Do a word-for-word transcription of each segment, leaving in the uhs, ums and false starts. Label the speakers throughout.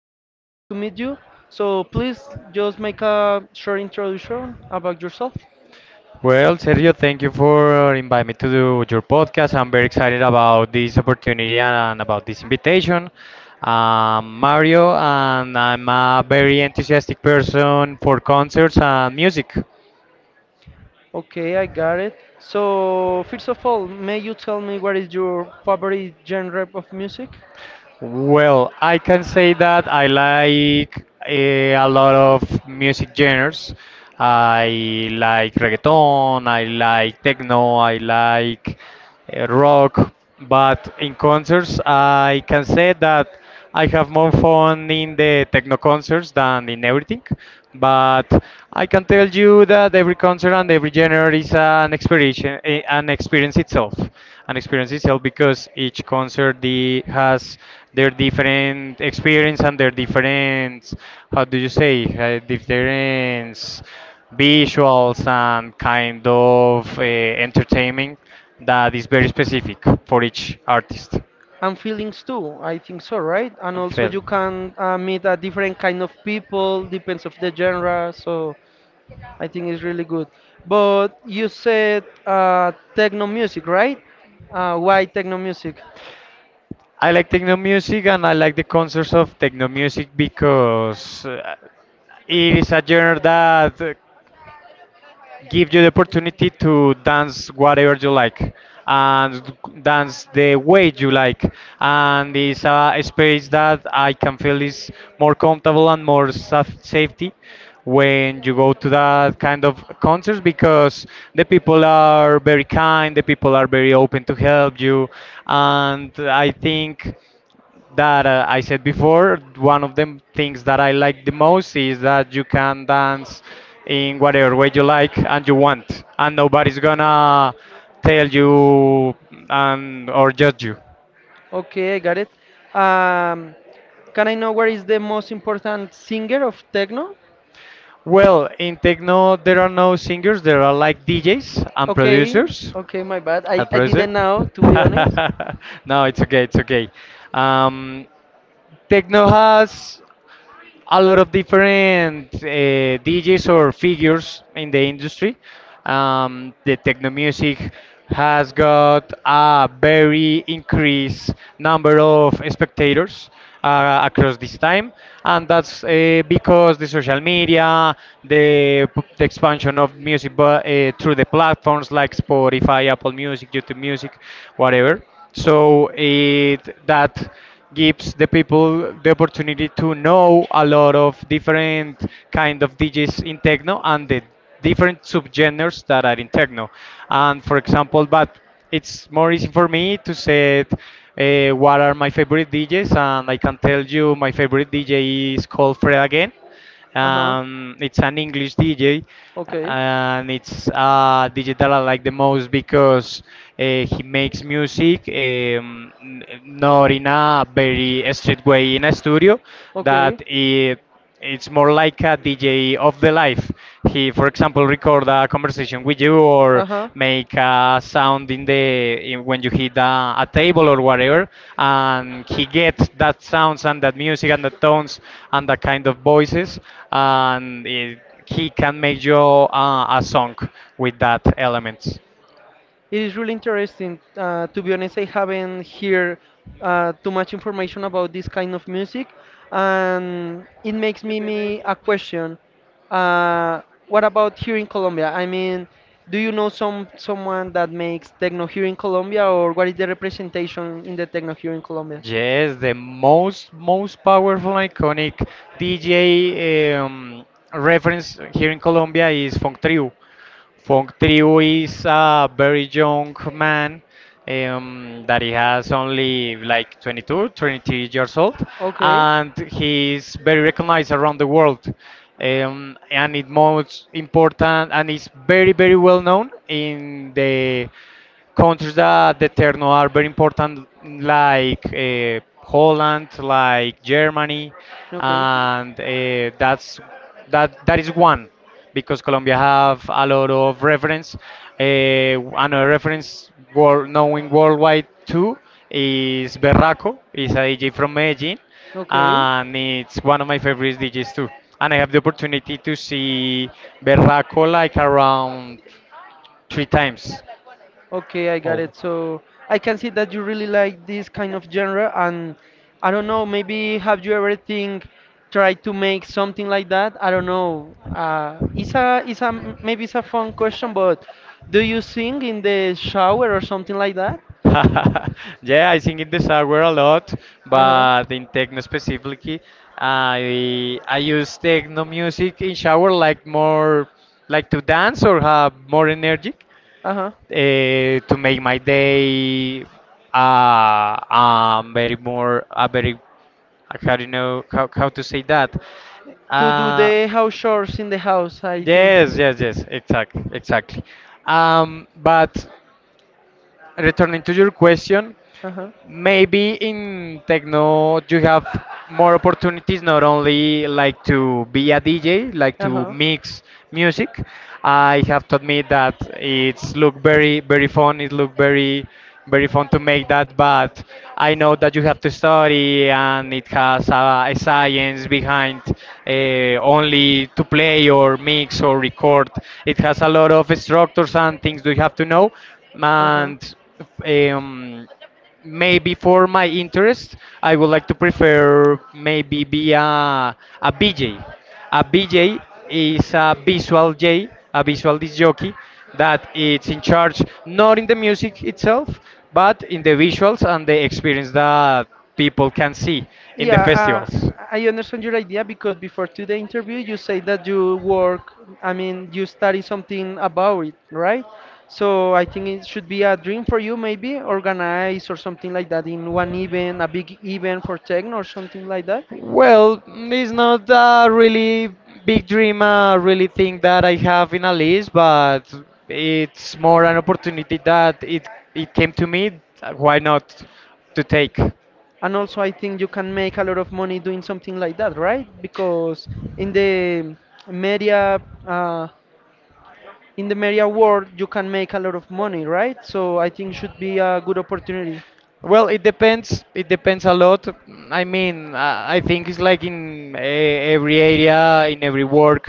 Speaker 1: Uh, nice to meet you. So please just make a short introduction about yourself.
Speaker 2: Well, Sergio, thank you for uh, inviting me to do your podcast. I'm very excited about this opportunity and about this invitation. Um, Mario, and I'm a very enthusiastic person for concerts and music.
Speaker 1: Okay, I got it. So first of all, may you tell me what is your favorite genre of music?
Speaker 2: Well, I can say that I like eh, a lot of music genres. I like reggaeton, I like techno, I like eh, rock, but in concerts, I can say that. I have more fun in the techno concerts than in everything, but I can tell you that every concert and every genre is an experience, eh, an experience itself, an experience itself because each concert the, has their different experience and their different, how do you say, uh, different visuals and kind of uh, entertainment that is very specific for each artist.
Speaker 1: And feelings too, I think so, right? And also
Speaker 2: Phil.
Speaker 1: you can uh, meet a different kind of people, depends of the genre. So I think it's really good. But you said uh, techno music, right? Uh, why techno music?
Speaker 2: I like techno music and I like the concerts of techno music because uh, it is a genre that uh, gives you the opportunity to dance whatever you like and dance the way you like. And it's a space that I can feel is more comfortable and more saf- safety when you go to that kind of concerts because the people are very kind, the people are very open to help you, and I think that uh, I said before, one of the things that I like the most is that you can dance in whatever way you like and you want, and nobody's gonna tell you and or judge you.
Speaker 1: Okay, I got it. Um, can I know where is the most important singer of techno?
Speaker 2: Well, in techno, there are no singers, there are like D Js and
Speaker 1: Okay,
Speaker 2: producers.
Speaker 1: okay, my bad.
Speaker 2: I'll
Speaker 1: I, I
Speaker 2: produce it.
Speaker 1: didn't know, to be honest.
Speaker 2: No, it's okay, it's okay. Um, Techno has a lot of different uh, D Js or figures in the industry. Um, the techno music has got a very increased number of spectators uh, across this time, and that's uh, because the social media, the, p- the expansion of music bu- uh, through the platforms like Spotify, Apple Music, YouTube Music, whatever. So it that gives the people the opportunity to know a lot of different kind of D Js in techno and the different subgenres that are in techno. And for example, but it's more easy for me to say uh, what are my favorite D Js, and I can tell you my favorite D J is called Fred again,
Speaker 1: Uh-huh,
Speaker 2: um, it's an English D J,
Speaker 1: okay.
Speaker 2: and it's a D J I like the most because uh, he makes music um, n- not in a very straight way in a studio,
Speaker 1: Okay,
Speaker 2: that it, it's more like a D J of the life. He for example record a conversation with you or
Speaker 1: uh-huh.
Speaker 2: make a sound in the in, when you hit a, a table or whatever, and he gets that sounds and that music and the tones and that kind of voices and it, he can make you uh, a song with that elements.
Speaker 1: It is really interesting. Uh, to be honest, I haven't heard uh, too much information about this kind of music, and it makes me, me a question. Uh, what about here in Colombia? I mean, do you know some someone that makes techno here in Colombia, or what is the representation in the techno here in Colombia?
Speaker 2: Yes, the most most powerful iconic D J um, reference here in Colombia is Funk Trio. Funk Trio is a very young man um, that he has only like twenty-two, 23 years old,
Speaker 1: Okay.
Speaker 2: and he's very recognized around the world. Um, and it most important, and it's very, very well known in the countries that the Terno are very important, like uh, Holland, like Germany,
Speaker 1: Okay.
Speaker 2: and uh, that's that that is one, because Colombia have a lot of reference. Uh, Another reference world, knowing worldwide too, is Berraco, is a D J from Medellin,
Speaker 1: Okay.
Speaker 2: and it's one of my favorite D Js too. And I have the opportunity to see Berraco like around three times.
Speaker 1: Okay, I got
Speaker 2: Oh.
Speaker 1: it. So I can see that you really like this kind of genre, and I don't know, maybe have you ever think tried to make something like that? I don't know. Uh, it's a, it's a, maybe it's a fun question, but do you sing in the shower or something like that?
Speaker 2: Yeah, I sing in the shower a lot,
Speaker 1: Uh-huh.
Speaker 2: but in techno specifically, I I use techno music in shower like more like to dance or have more energy
Speaker 1: Uh-huh.
Speaker 2: uh, to make my day uh, um very more a very, how do you know how, how to say that,
Speaker 1: To do
Speaker 2: uh,
Speaker 1: the house chores in the house, I think.
Speaker 2: yes, yes, yes, exactly, exactly. Um, but returning to your question,
Speaker 1: Uh-huh.
Speaker 2: maybe in techno you have more opportunities not only like to be a D J, like to
Speaker 1: Uh-huh.
Speaker 2: mix music. I have to admit that it's look very very fun. It look very very fun to make that, but I know that you have to study and it has a, a science behind, uh, only to play or mix or record. It has a lot of structures and things that you have to know,
Speaker 1: Uh-huh.
Speaker 2: and eh, um, maybe for my interest, I would like to prefer maybe be a, a B J. A B J is a visual J, a visual disc jockey, that it's in charge not in the music itself, but in the visuals and the experience that people can see in the
Speaker 1: Yeah, uh,
Speaker 2: festivals.
Speaker 1: I understand your idea because before to the interview you say that you work, I mean, you study something about it, right? So I think it should be a dream for you, maybe organize or something like that in one event, a big event for techno or something like that.
Speaker 2: Well, it's not a really big dream, a really thing that I have in a list, but it's more an opportunity that it it came to me. uh, Why not to take?
Speaker 1: And also, I think you can make a lot of money doing something like that, right? Because in the media, uh, in the media world, you can make a lot of money, right? So I think should be a good opportunity.
Speaker 2: Well, it depends. It depends a lot. I mean, I I think it's like in eh, every area, in every work.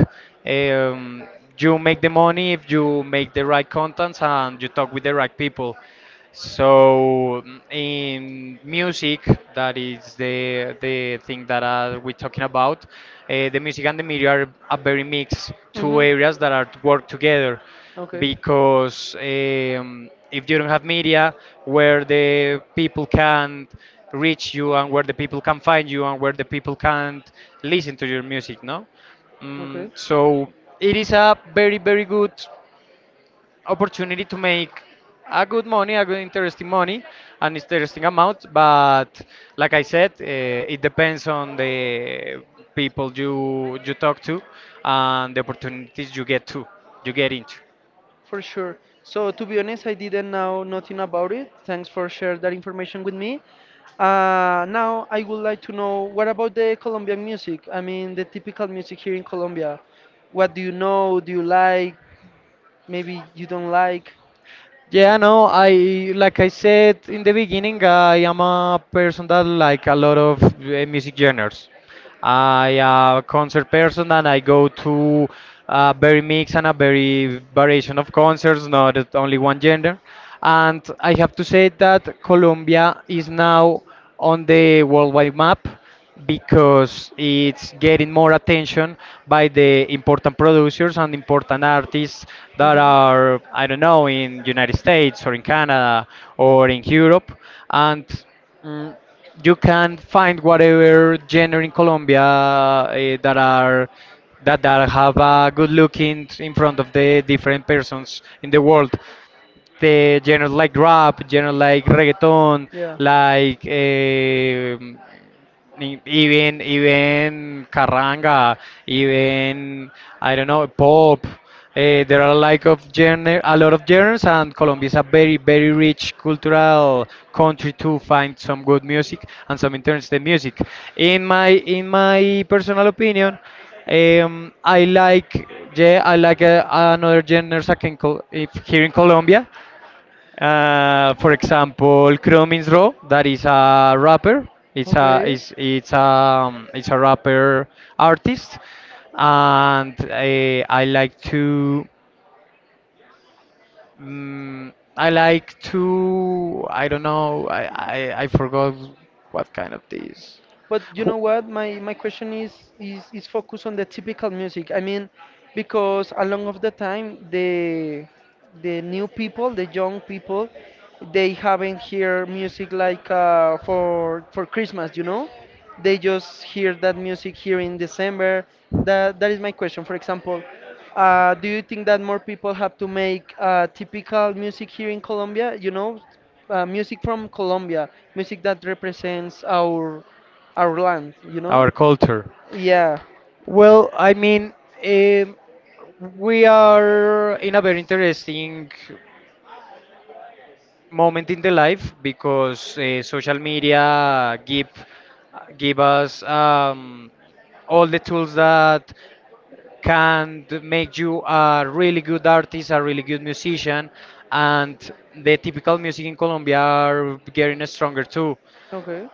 Speaker 2: Um, you make the money if you make the right contents and you talk with the right people. So, mm, in music, that is the the thing that uh, we're talking about. Uh, the music and the media are a very mixed two
Speaker 1: hmm
Speaker 2: areas that are work together,
Speaker 1: Okay,
Speaker 2: because um, if you don't have media where the people can reach you and where the people can find you and where the people can listen to your music, no? Mm,
Speaker 1: okay,
Speaker 2: so it is a very, very good opportunity to make a good money, a good interesting money, an interesting amount. But like I said, uh, it depends on the people you you talk to and the opportunities you get to, you get into.
Speaker 1: for sure. So to be honest, I didn't know nothing about it. Thanks for sharing that information with me. Uh, now I would like to know what about the Colombian music? I mean, the typical music here in Colombia. What do you know? Do you like? Maybe you don't like.
Speaker 2: Yeah, no, I like I said in the beginning, I am a person that like a lot of uh, music genres. I am a concert person and I go to a very mix and a very variation of concerts, not at only one genre. And I have to say that Colombia is now on the worldwide map because it's getting more attention by the important producers and important artists that are, I don't know, in United States or in Canada or in Europe, and mm, you can find whatever genre in Colombia eh, that are that, that have a good look in, in front of the different persons in the world, the genres like rap, genres like reggaeton,
Speaker 1: Yeah.
Speaker 2: like um E- even, even carranga, even I don't know pop. Eh, there are like of genre, a lot of genres, and Colombia is a very very rich cultural country to find some good music and some interesting music. In my in my personal opinion, um, I like, yeah, I like uh, another genres I can call if here in Colombia. Uh, for example, Chromin's Raw, that is a rapper. It's a
Speaker 1: Okay.
Speaker 2: it's it's a um, it's a rapper artist, and I, I like to, mm, I like to, I don't know, I, I I forgot what kind of this,
Speaker 1: But you
Speaker 2: who-
Speaker 1: know what? My my question is is is focused on the typical music. I mean, because along of the time the the new people, the young people, they haven't hear music like uh, for for Christmas. You know, they just hear that music here in December. That that is my question. For example, uh, do you think that more people have to make uh, typical music here in Colombia? You know, uh, music from Colombia, music that represents our our land, you know?
Speaker 2: our culture.
Speaker 1: Yeah.
Speaker 2: Well, I mean, um, we are in a very interesting moment in the life because uh, social media give give us um, all the tools that can d- make you a really good artist, a really good musician, and the typical music in Colombia are getting stronger too.
Speaker 1: Okay.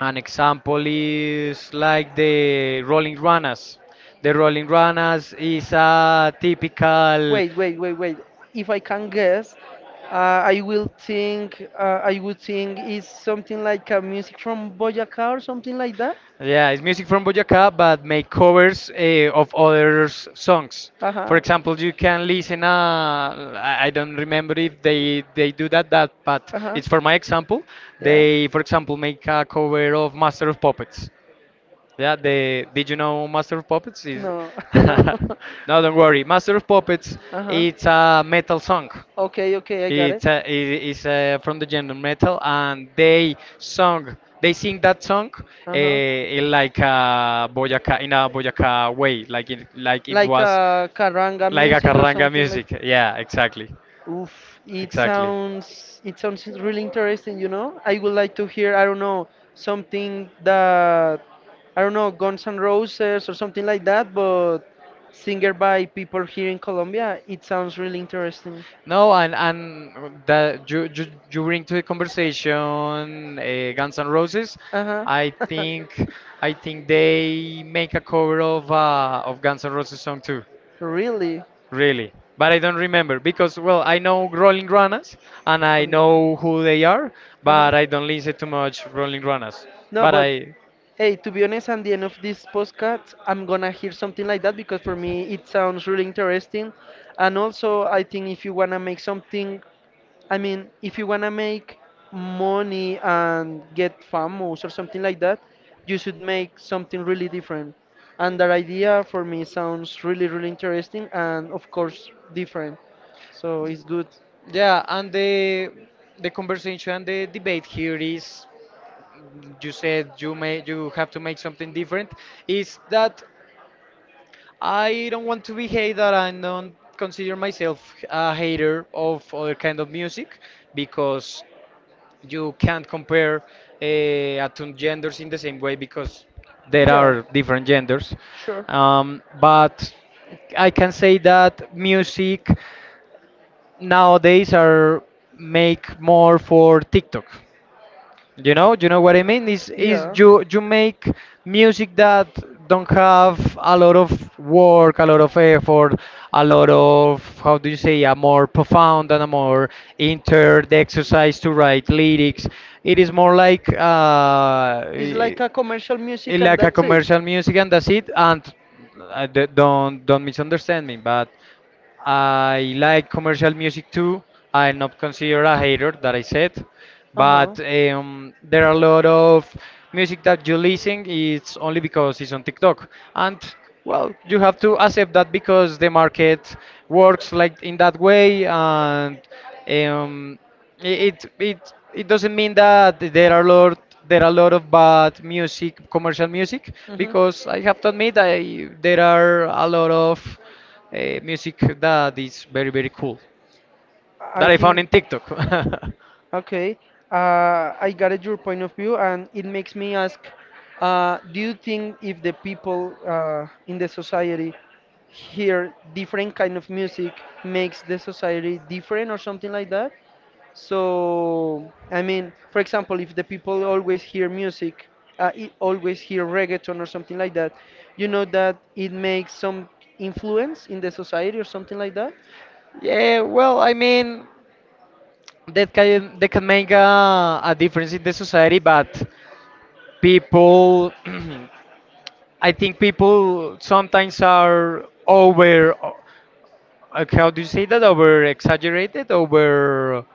Speaker 2: An example is like the Rolling Ranas. The Rolling Ranas is a typical.
Speaker 1: Wait, wait, wait, wait. If I can guess, uh, I will think uh, I would think it's something like a music from Boyacá or something like that.
Speaker 2: Yeah, it's music from Boyacá, but make covers uh, of others' songs. For example, you can listen. Uh, I I don't remember if they they do that that, but it's for my example. They, for example, make a cover of Master of Puppets. Yeah, the did you know Master of Puppets is?
Speaker 1: No. No.
Speaker 2: No, don't worry. Master of Puppets, it's a metal song.
Speaker 1: Okay. Okay. I got it.
Speaker 2: It's uh, it is uh, from the genre metal, and they sung they sing that song uh,
Speaker 1: Uh huh.
Speaker 2: in like a Boyacá in a Boyacá way, like
Speaker 1: like
Speaker 2: it like it
Speaker 1: Like
Speaker 2: was
Speaker 1: uh, caranga like
Speaker 2: like a
Speaker 1: music or
Speaker 2: carranga
Speaker 1: something like.
Speaker 2: music. Yeah, exactly,
Speaker 1: Oof, it
Speaker 2: exactly.
Speaker 1: sounds it sounds really interesting. You know, I would like to hear. I don't know something that I don't know Guns N' Roses or something like that, but singer by people here in Colombia. It sounds really interesting.
Speaker 2: No, and and that you you, you bring to the conversation uh, Guns N' Roses.
Speaker 1: Uh
Speaker 2: I
Speaker 1: huh.
Speaker 2: think I think they make a cover of uh, of Guns N' Roses song too.
Speaker 1: Really.
Speaker 2: Really, but I don't remember because, well, I know Rolling Runners and I know who they are,
Speaker 1: Uh-huh.
Speaker 2: but I don't listen too much Rolling Runners.
Speaker 1: No,
Speaker 2: But
Speaker 1: but I-
Speaker 2: I,
Speaker 1: hey, to be honest, at the end of this podcast, I'm gonna hear something like that because for me it sounds really interesting. And also, I think if you wanna make something I mean, if you wanna make money and get famous or something like that, you should make something really different. And that idea for me sounds really, really interesting and of course different. So it's good.
Speaker 2: yeah, and the the conversation and the debate here is, you said you may you have to make something different. Is that I don't want to be hated and don't consider myself a hater of other kind of music, because you can't compare uh, attuned genders in the same way because there are different genders.
Speaker 1: Sure.
Speaker 2: Um, but I can say that music nowadays are make more for TikTok, you know, you know what I mean? Is is
Speaker 1: Yeah,
Speaker 2: you you make music that don't have a lot of work, a lot of effort, a lot of, how do you say, a more profound and a more inter the exercise to write lyrics. It is more like uh,
Speaker 1: it's like a commercial
Speaker 2: eh,
Speaker 1: music,
Speaker 2: like a commercial music and that's it. And uh, d- don't don't misunderstand me, but I like commercial music too. I'm not considered a hater that I said, but um, there are a lot of music that you listen. It's only because it's on TikTok, and well, you have to accept that because the market works like in that way, and um, I- It it it doesn't mean that there are lot there are a lot of bad music, commercial music, because I have to admit I there are a lot of uh, music that is very very cool
Speaker 1: I
Speaker 2: that I found in
Speaker 1: think.
Speaker 2: TikTok.
Speaker 1: Okay, uh, I got it, your point of view, and it makes me ask, uh, do you think if the people uh, in the society hear different kind of music makes the society different or something like that? So, I mean, for example, if the people always hear music, uh, I always hear reggaeton or something like that, you know that it makes some influence in the society or something like that?
Speaker 2: Yeah, well, I mean that can they can make a, a difference in the society, but people, I think people sometimes are over. Uh, How do you say that? Over exaggerated, over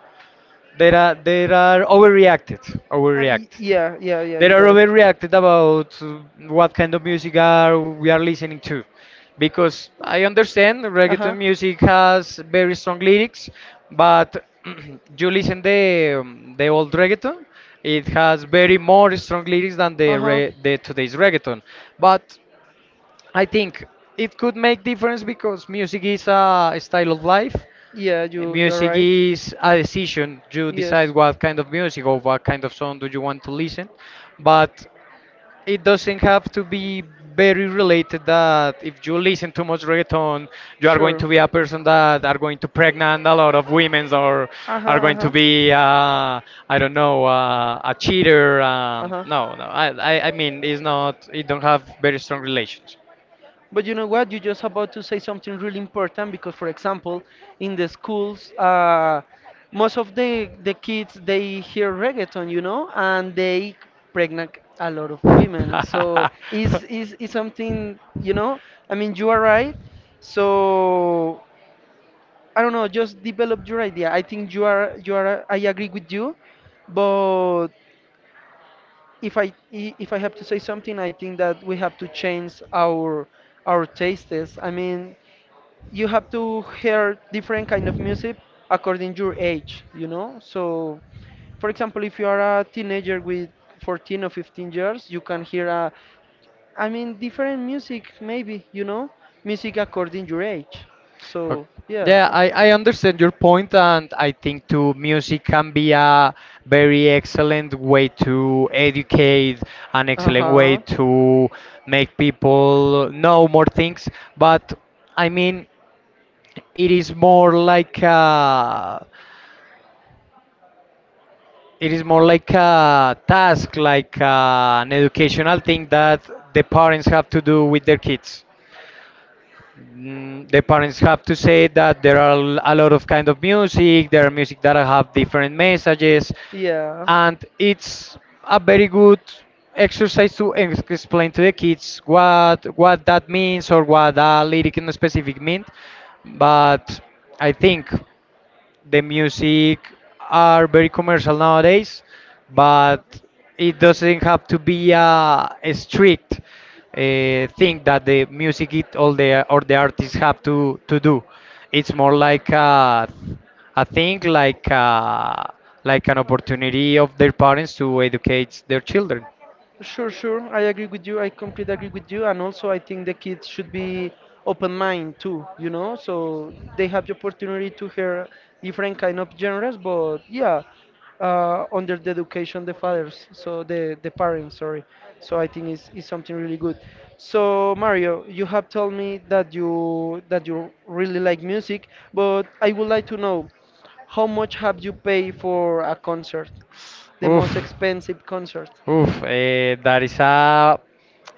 Speaker 2: They are they are overreacted, overreacted.
Speaker 1: Yeah, yeah, yeah,
Speaker 2: They are overreacted about uh, what kind of music are we are listening to, because I understand reggaeton music has very strong lyrics, but you listen the um, the old reggaeton, it has very more strong lyrics than the re, the today's reggaeton. But I think it could make difference because music is a style of life.
Speaker 1: yeah, you you're.
Speaker 2: Music is a decision. You decide what kind of music or what kind of song do you want to listen, but it doesn't have to be very related that if you listen too much reggaeton, you are going to be a person that are going to pregnant a lot of women, or
Speaker 1: Uh huh.
Speaker 2: are going to
Speaker 1: Are.
Speaker 2: be uh, I don't know, uh, a cheater.
Speaker 1: Uh. Uh
Speaker 2: Um,
Speaker 1: huh. Uh,
Speaker 2: no, no, I, I I mean it's not. It don't have very strong relations.
Speaker 1: But you know what? You're just about to say something really important because, for example, in the schools, uh, most of the the kids they hear reggaeton, you know, and they pregnant a lot of women. So is is is something, you know? I mean, you are right. So I don't know. Just develop your idea. I think you are, you are. I agree with you, but if I i- if I have to say something, I think that we have to change our our
Speaker 2: You
Speaker 1: tastes. I mean, you
Speaker 2: have
Speaker 1: have to
Speaker 2: to pair
Speaker 1: hear different
Speaker 2: different
Speaker 1: kind of
Speaker 2: categories
Speaker 1: music according your
Speaker 2: according to age.
Speaker 1: age, you know
Speaker 2: So,
Speaker 1: so, for
Speaker 2: for example,
Speaker 1: example,
Speaker 2: if
Speaker 1: if you
Speaker 2: you
Speaker 1: are
Speaker 2: are a
Speaker 1: a
Speaker 2: teenager,
Speaker 1: teenager
Speaker 2: the
Speaker 1: with
Speaker 2: sportive
Speaker 1: fourteen or
Speaker 2: games
Speaker 1: fifteen years you
Speaker 2: you can
Speaker 1: can hear
Speaker 2: pair
Speaker 1: a
Speaker 2: are
Speaker 1: I mean different music
Speaker 2: handball,
Speaker 1: maybe, you know
Speaker 2: swimming, you
Speaker 1: music according your
Speaker 2: know.
Speaker 1: age,
Speaker 2: Okay.
Speaker 1: so yeah.
Speaker 2: Yeah, I, I understand your point, and I think too music can be a very excellent way to educate, an excellent way
Speaker 1: Uh-huh.
Speaker 2: to make people know more things. But I mean, it is more like a, it is more like a task, like uh an educational thing that the parents have to do with their kids. Mm, the parents have to say that there are l- a lot of kind of music. There are music that have different messages,
Speaker 1: Yeah.
Speaker 2: and it's a very good exercise to ex- explain to the kids what what that means or what a lyric in specific means. But I think the music are very commercial nowadays, but it doesn't have to be a, a strict uh, thing that the music it all the or the artists have to to do. It's more like a, a thing like a, like an opportunity of their parents to educate their children.
Speaker 1: Sure, sure. I agree with you. I completely agree with you. And also, I think the kids should be open mind too. You know, so they have the opportunity to hear different kind of genres. But yeah, uh, under the education the fathers, so the the parents. Sorry. So I think it's, it's something really good. So Mario, you have told me that you that you really like music, but I would like to know how much have you paid for a concert, the
Speaker 2: Oof.
Speaker 1: most expensive concert?
Speaker 2: Oof, eh, that is a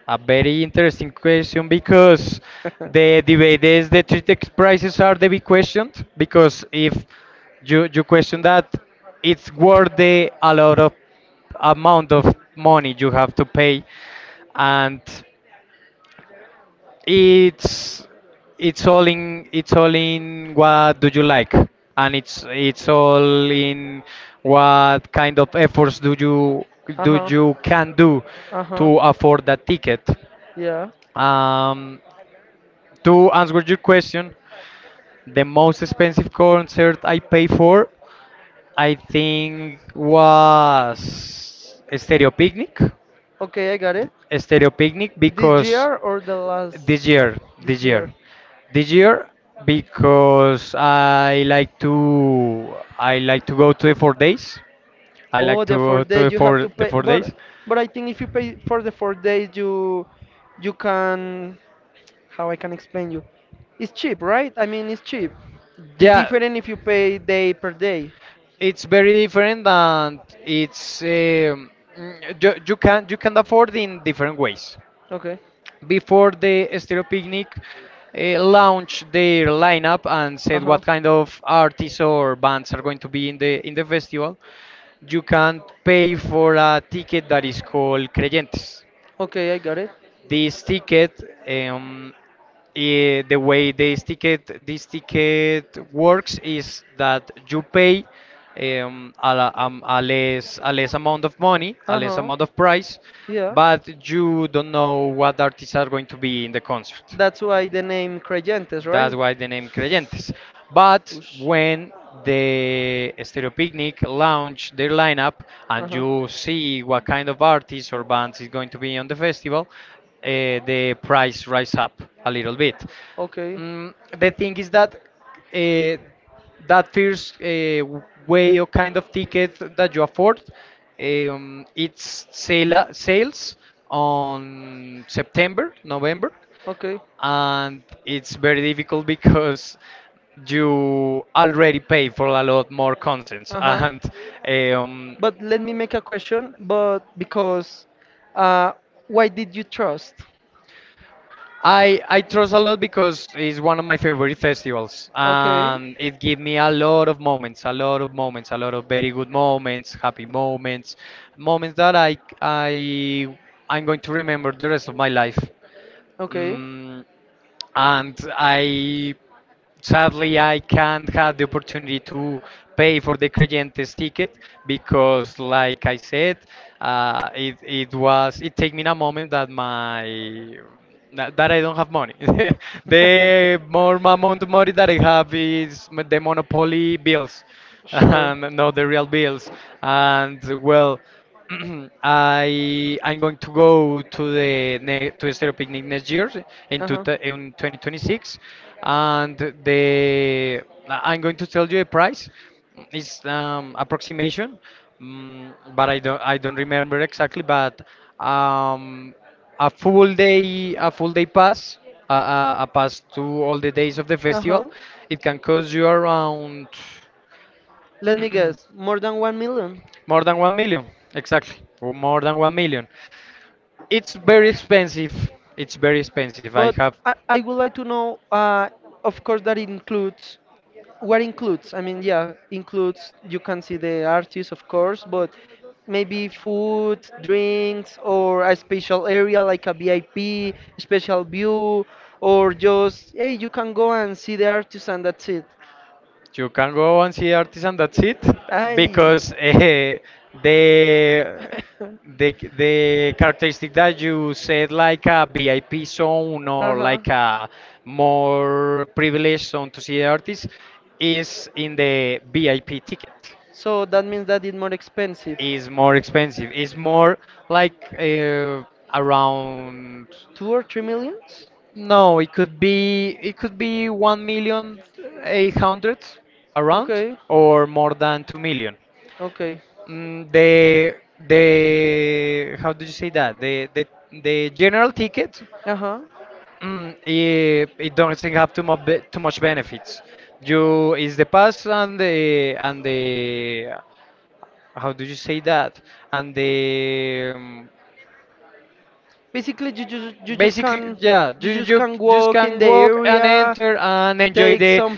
Speaker 2: a very interesting question because the debate is the ticket prices are the big question, because if you you question that it's worth the a lot of amount of money you have to pay. And it's it's all in it's all in what do you like, and it's it's all in what kind of efforts do you
Speaker 1: Uh
Speaker 2: do
Speaker 1: huh.
Speaker 2: you can do
Speaker 1: Uh huh.
Speaker 2: to afford that ticket.
Speaker 1: Yeah.
Speaker 2: um, to answer your question, the most expensive concert I pay for, I think, was Stereo Picnic.
Speaker 1: Okay, I got it.
Speaker 2: A Stereo Picnic
Speaker 1: This
Speaker 2: because
Speaker 1: year or the last?
Speaker 2: this year,
Speaker 1: This
Speaker 2: this
Speaker 1: year.
Speaker 2: year, this year, because I like to, I like to go to the four days. I
Speaker 1: Oh,
Speaker 2: like to
Speaker 1: the four
Speaker 2: go to
Speaker 1: days
Speaker 2: the
Speaker 1: you have to
Speaker 2: four the
Speaker 1: pay,
Speaker 2: four
Speaker 1: but
Speaker 2: days.
Speaker 1: but I think if you pay for the four days, you you can how I can explain you. It's cheap, right? I mean, it's cheap. It's
Speaker 2: Yeah,
Speaker 1: different if you pay day per day.
Speaker 2: it's very different, and it's um, mm, you, you can, you can afford in different ways.
Speaker 1: Okay.
Speaker 2: Before the Stereo Picnic uh, launched their lineup and
Speaker 1: Uh
Speaker 2: said
Speaker 1: huh.
Speaker 2: what kind of artists or bands are going to be in the in the festival, you can pay for a ticket that is called Creyentes.
Speaker 1: Okay, I got it.
Speaker 2: This ticket, um, eh, the way this ticket this ticket works is that you pay um, a, la- um, a less, a less amount of money, a less amount of price,
Speaker 1: Yeah.
Speaker 2: but you don't know what artists are going to be in the concert.
Speaker 1: That's why the name Creyentes,
Speaker 2: That's
Speaker 1: right?
Speaker 2: why the name Creyentes. But
Speaker 1: Ush.
Speaker 2: when the Stereo Picnic launch their lineup
Speaker 1: Uh
Speaker 2: and
Speaker 1: huh.
Speaker 2: you see what kind of artists or bands is going to be on the festival, uh, the price rise up a little bit.
Speaker 1: Okay.
Speaker 2: Mm, the thing is that uh, that first uh, way or kind of ticket that you afford, um, it's sale sales on September, November,
Speaker 1: Okay.
Speaker 2: and it's very difficult because you already pay for a lot more concerts.
Speaker 1: Uh huh.
Speaker 2: and um,
Speaker 1: But let me make a question. But because, uh, why did you trust?
Speaker 2: I I trust a lot because it's one of my favorite festivals, and it gave me a lot of moments, a lot of moments, a lot of very good moments, happy moments, moments that I I I'm going to remember the rest of my life.
Speaker 1: Okay.
Speaker 2: Mm, and I sadly I can't have the opportunity to pay for the Creyentes ticket because, like I said, uh, it it was it take me a moment that my that that I don't have money. The more amount of money that I have is m- the monopoly bills, and not the real bills. And well. I I'm going to go to the ne- to the Stereo Picnic next year in two, th- in twenty twenty-six, and the I'm going to tell you the price. It's um, approximation, mm, but I don't I don't remember exactly. But um, a full day, a full day pass, a, a, a pass to all the days of the festival,
Speaker 1: Huh.
Speaker 2: it can cost you around
Speaker 1: Let me guess, more than one million?
Speaker 2: more than one million, exactly, or more than one million. It's very expensive. It's very expensive. I
Speaker 1: But
Speaker 2: have.
Speaker 1: I, I would like to know, uh, of course, that includes, what includes? I mean, yeah, includes, you can see the artist, of course, but maybe food, drinks, or a special area like a V I P, special view, or just, hey, you can go and see the artist and that's it.
Speaker 2: You can go and see artisan. That's it.
Speaker 1: Ay.
Speaker 2: Because eh, the the the characteristic that you said, like a V I P zone or
Speaker 1: Uh-huh.
Speaker 2: like a more privileged zone to see the artist, is in the V I P ticket.
Speaker 1: So that means that it's more expensive.
Speaker 2: Is more expensive. It's more like uh, around.
Speaker 1: Two or three millions?
Speaker 2: No, it could be, it could be one million uh, eight hundred around,
Speaker 1: Okay,
Speaker 2: or more than two million.
Speaker 1: okay.
Speaker 2: Mm, the the how did you say that? The the the general ticket,
Speaker 1: Uh-huh.
Speaker 2: mm, it, it doesn't have too much, too much benefits. You is the pass and the, and the how do you say that? And the um,
Speaker 1: Basically, you just you just
Speaker 2: Basically,
Speaker 1: can
Speaker 2: yeah,
Speaker 1: you
Speaker 2: you,
Speaker 1: just
Speaker 2: you
Speaker 1: can
Speaker 2: just
Speaker 1: walk in
Speaker 2: can
Speaker 1: the
Speaker 2: walk and
Speaker 1: area,
Speaker 2: enter and enjoy
Speaker 1: take
Speaker 2: the,
Speaker 1: some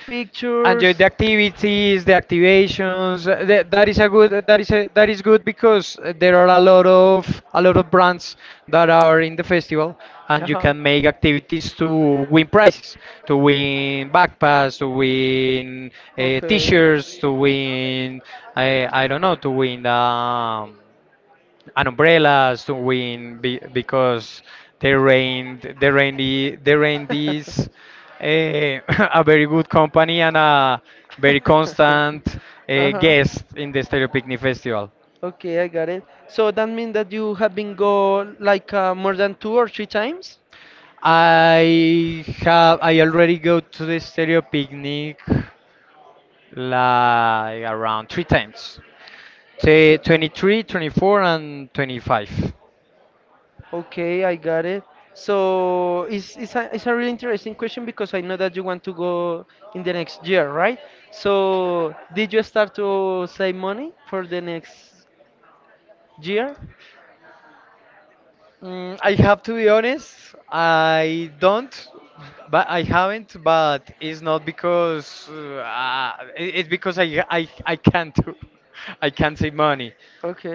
Speaker 2: enjoy
Speaker 1: pictures.
Speaker 2: the activities, the activations. uh, That, that is a good, that is a, that is good because uh, there are a lot of, a lot of brands that are in the festival, and you
Speaker 1: Uh-huh.
Speaker 2: can make activities to win prizes, to win backpacks, to win uh,
Speaker 1: Okay.
Speaker 2: t-shirts, to win I I don't know, to win um, and umbrellas, to win be, because the rain the rain i- the rain is eh, a very good company and a very constant
Speaker 1: Uh
Speaker 2: eh,
Speaker 1: huh.
Speaker 2: guest in the Stereo Picnic Festival.
Speaker 1: Okay, I got it. So that means that you have been go like uh, more than two or three times?
Speaker 2: I have I already go to the Stereo Picnic like around three times. T-
Speaker 1: Three times.
Speaker 2: twenty-three, twenty-four and twenty-five.
Speaker 1: Okay, I got it. So it's it's a it's a really interesting question because I know that you want to go in the next year, right? So did you start to save money for the next year?
Speaker 2: Mm, I have to be honest, I don't, but I haven't, but it's not because uh, I- it's because I, I, I can't do- I can't save money.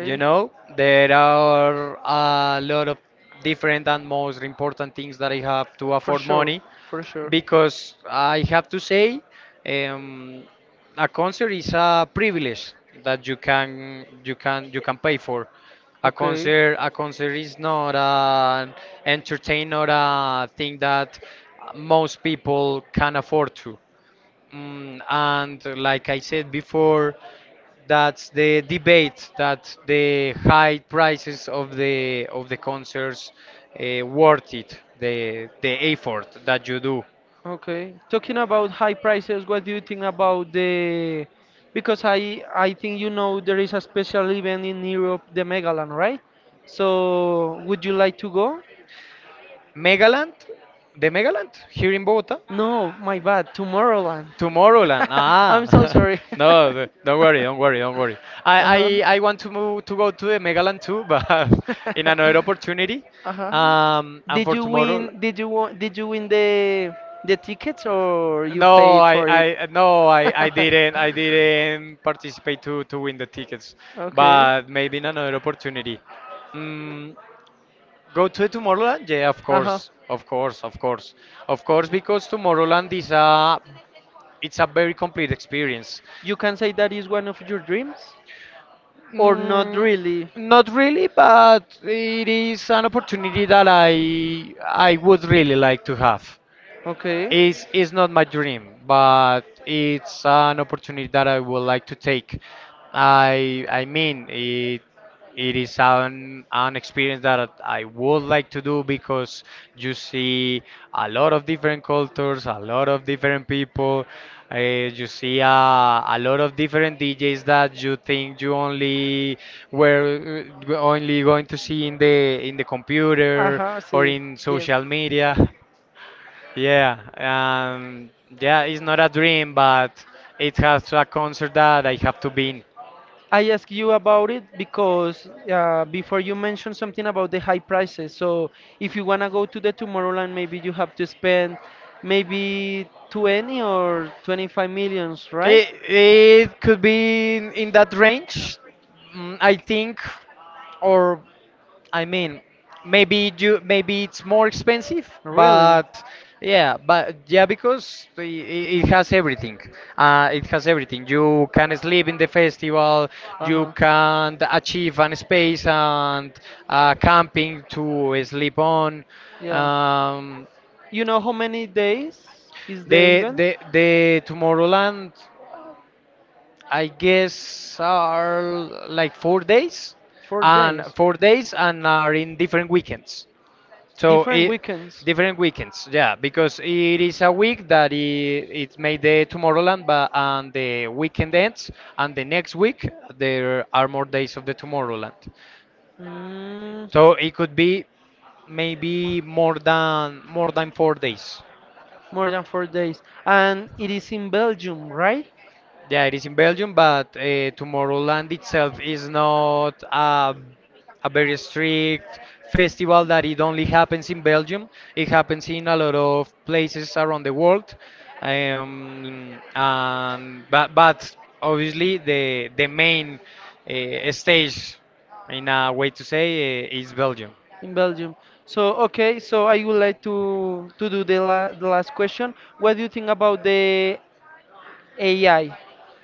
Speaker 2: You know, there are a lot of different and most important things that I have to
Speaker 1: For
Speaker 2: afford
Speaker 1: sure.
Speaker 2: money,
Speaker 1: For sure.
Speaker 2: because I have to say, um, a concert is a privilege that you can you can you can pay for. A
Speaker 1: Okay.
Speaker 2: concert a concert is not an entertain or a thing that most people can afford to. Mm, and like I said before, that's the debate, that the high prices of the of the concerts uh, worth it, the the effort that you do.
Speaker 1: Okay. Talking about high prices, what do you think about the? Because I I think you know there is a special event in Europe, the Megaland, right? So would you like to go?
Speaker 2: Megaland, the Megaland here in Bogota.
Speaker 1: No, my bad, Tomorrowland.
Speaker 2: Tomorrowland. Ah,
Speaker 1: I'm so sorry.
Speaker 2: no, th- don't worry, don't worry, don't worry. I,
Speaker 1: Uh-huh.
Speaker 2: I, I want to move to go to the Megaland too, but in another opportunity.
Speaker 1: Uh huh. Um,
Speaker 2: Um, and
Speaker 1: Did,
Speaker 2: for
Speaker 1: no, you
Speaker 2: tomorrow,
Speaker 1: win? Did you wa- did you win the the tickets or you no,
Speaker 2: no,
Speaker 1: paid
Speaker 2: I,
Speaker 1: for it?
Speaker 2: I no, I, I didn't, I didn't participate to to win the tickets,
Speaker 1: Okay.
Speaker 2: but maybe in another opportunity. Mm, go to Tomorrowland? Yeah, of
Speaker 1: Uh huh.
Speaker 2: course, of course, of course, of course, because Tomorrowland is a, it's a very complete experience.
Speaker 1: You can say that is one of your dreams, or not
Speaker 2: Mm,
Speaker 1: really?
Speaker 2: not really, but it is an opportunity that I I would really like to have.
Speaker 1: Okay.
Speaker 2: It's, it's not my dream, but it's an opportunity that I would like to
Speaker 1: Like
Speaker 2: take. I I mean it, it is an an experience that I would like to do, because you see a lot of different cultures, a lot of different people. Uh, you see uh, a lot of different D Js that you think you only were uh, only going to see in the in the
Speaker 1: the computer,
Speaker 2: computer
Speaker 1: ajá,
Speaker 2: or
Speaker 1: sí.
Speaker 2: in social media. Yeah, um, yeah, it's not a dream, but it has a concert that I have to be in.
Speaker 1: I ask you about it because uh, before you mentioned something about the high prices. So if you wanna go to the Tomorrowland, maybe you have to spend maybe twenty or twenty-five millions, right?
Speaker 2: It, it could be in, in that range, mm, I think, or I mean, maybe you maybe it's more expensive,
Speaker 1: Really?
Speaker 2: but yeah, but yeah, because i- i- it has everything. Uh, it has everything. You can sleep in the festival. You
Speaker 1: Uh-huh.
Speaker 2: can achieve an space and uh, camping to sleep on.
Speaker 1: Yeah.
Speaker 2: Um,
Speaker 1: You know how many days is the
Speaker 2: the
Speaker 1: event?
Speaker 2: the the Tomorrowland I guess are like four days,
Speaker 1: Four
Speaker 2: and
Speaker 1: days.
Speaker 2: four days and are in different weekends. So
Speaker 1: Different
Speaker 2: it,
Speaker 1: weekends.
Speaker 2: different weekends, yeah, because it is a week that it, it's made the Tomorrowland, but and the weekend ends, and the next week there are more days of the Tomorrowland.
Speaker 1: Mm,
Speaker 2: So it could be maybe more than more than four days.
Speaker 1: more than four days. And it is in Belgium, right?
Speaker 2: Yeah, it is in Belgium, but uh, Tomorrowland itself is not a, a very strict festival that it only happens in Belgium. It happens in a lot of places around the world. Um, and but, but obviously the the main uh, stage, in a way to say, uh, is Belgium.
Speaker 1: In Belgium. So okay, so I would like to to do the, la the last question. What do you think about the A I? I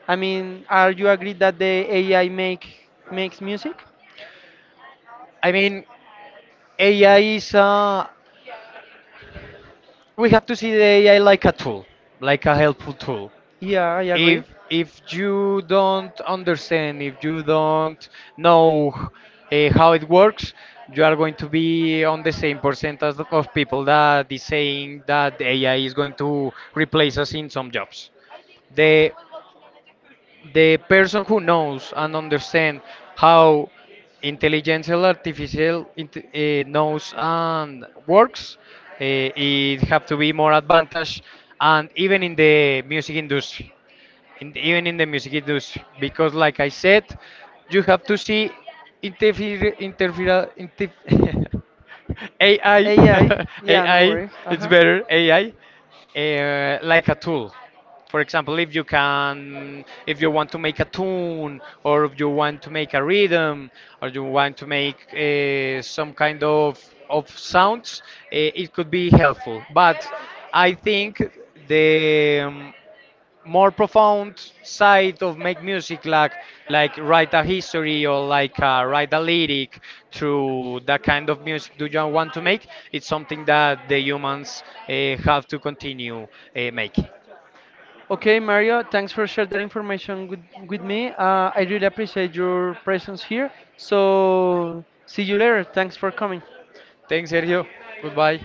Speaker 1: I mean, are you agree that the A I make makes music?
Speaker 2: I mean, A I is uh, we have to see the A I like a tool, like a helpful tool.
Speaker 1: Yeah, I
Speaker 2: If
Speaker 1: agree.
Speaker 2: if you don't understand if you don't know uh, how it works, you are going to be on the same percentage of people that is saying that AI is going to replace us in some jobs. The the person who knows and understand how intelligence artificial int- eh, knows and works, eh, it have to be more advantage. And even in the music industry, in, even in the music industry, because like I said, you have to see interfere interfere interf- AI,
Speaker 1: A I, yeah, no
Speaker 2: ai
Speaker 1: worries. Uh
Speaker 2: it's
Speaker 1: huh.
Speaker 2: better AI uh, like a tool. For example, if you can if you want to make a tune, or if you want to make a rhythm, or you want to make uh, some kind of of sounds, uh, it could be helpful. But I think the um, more profound side of make music, like like write a history, or like uh, write a lyric, through that kind of music do you want to make, it's something that the humans uh, have to continue uh, making.
Speaker 1: Okay, Mario, thanks for sharing that information with, with me. Uh, I really appreciate your presence here. So, see you later. Thanks for coming.
Speaker 2: Thanks, Sergio. Goodbye.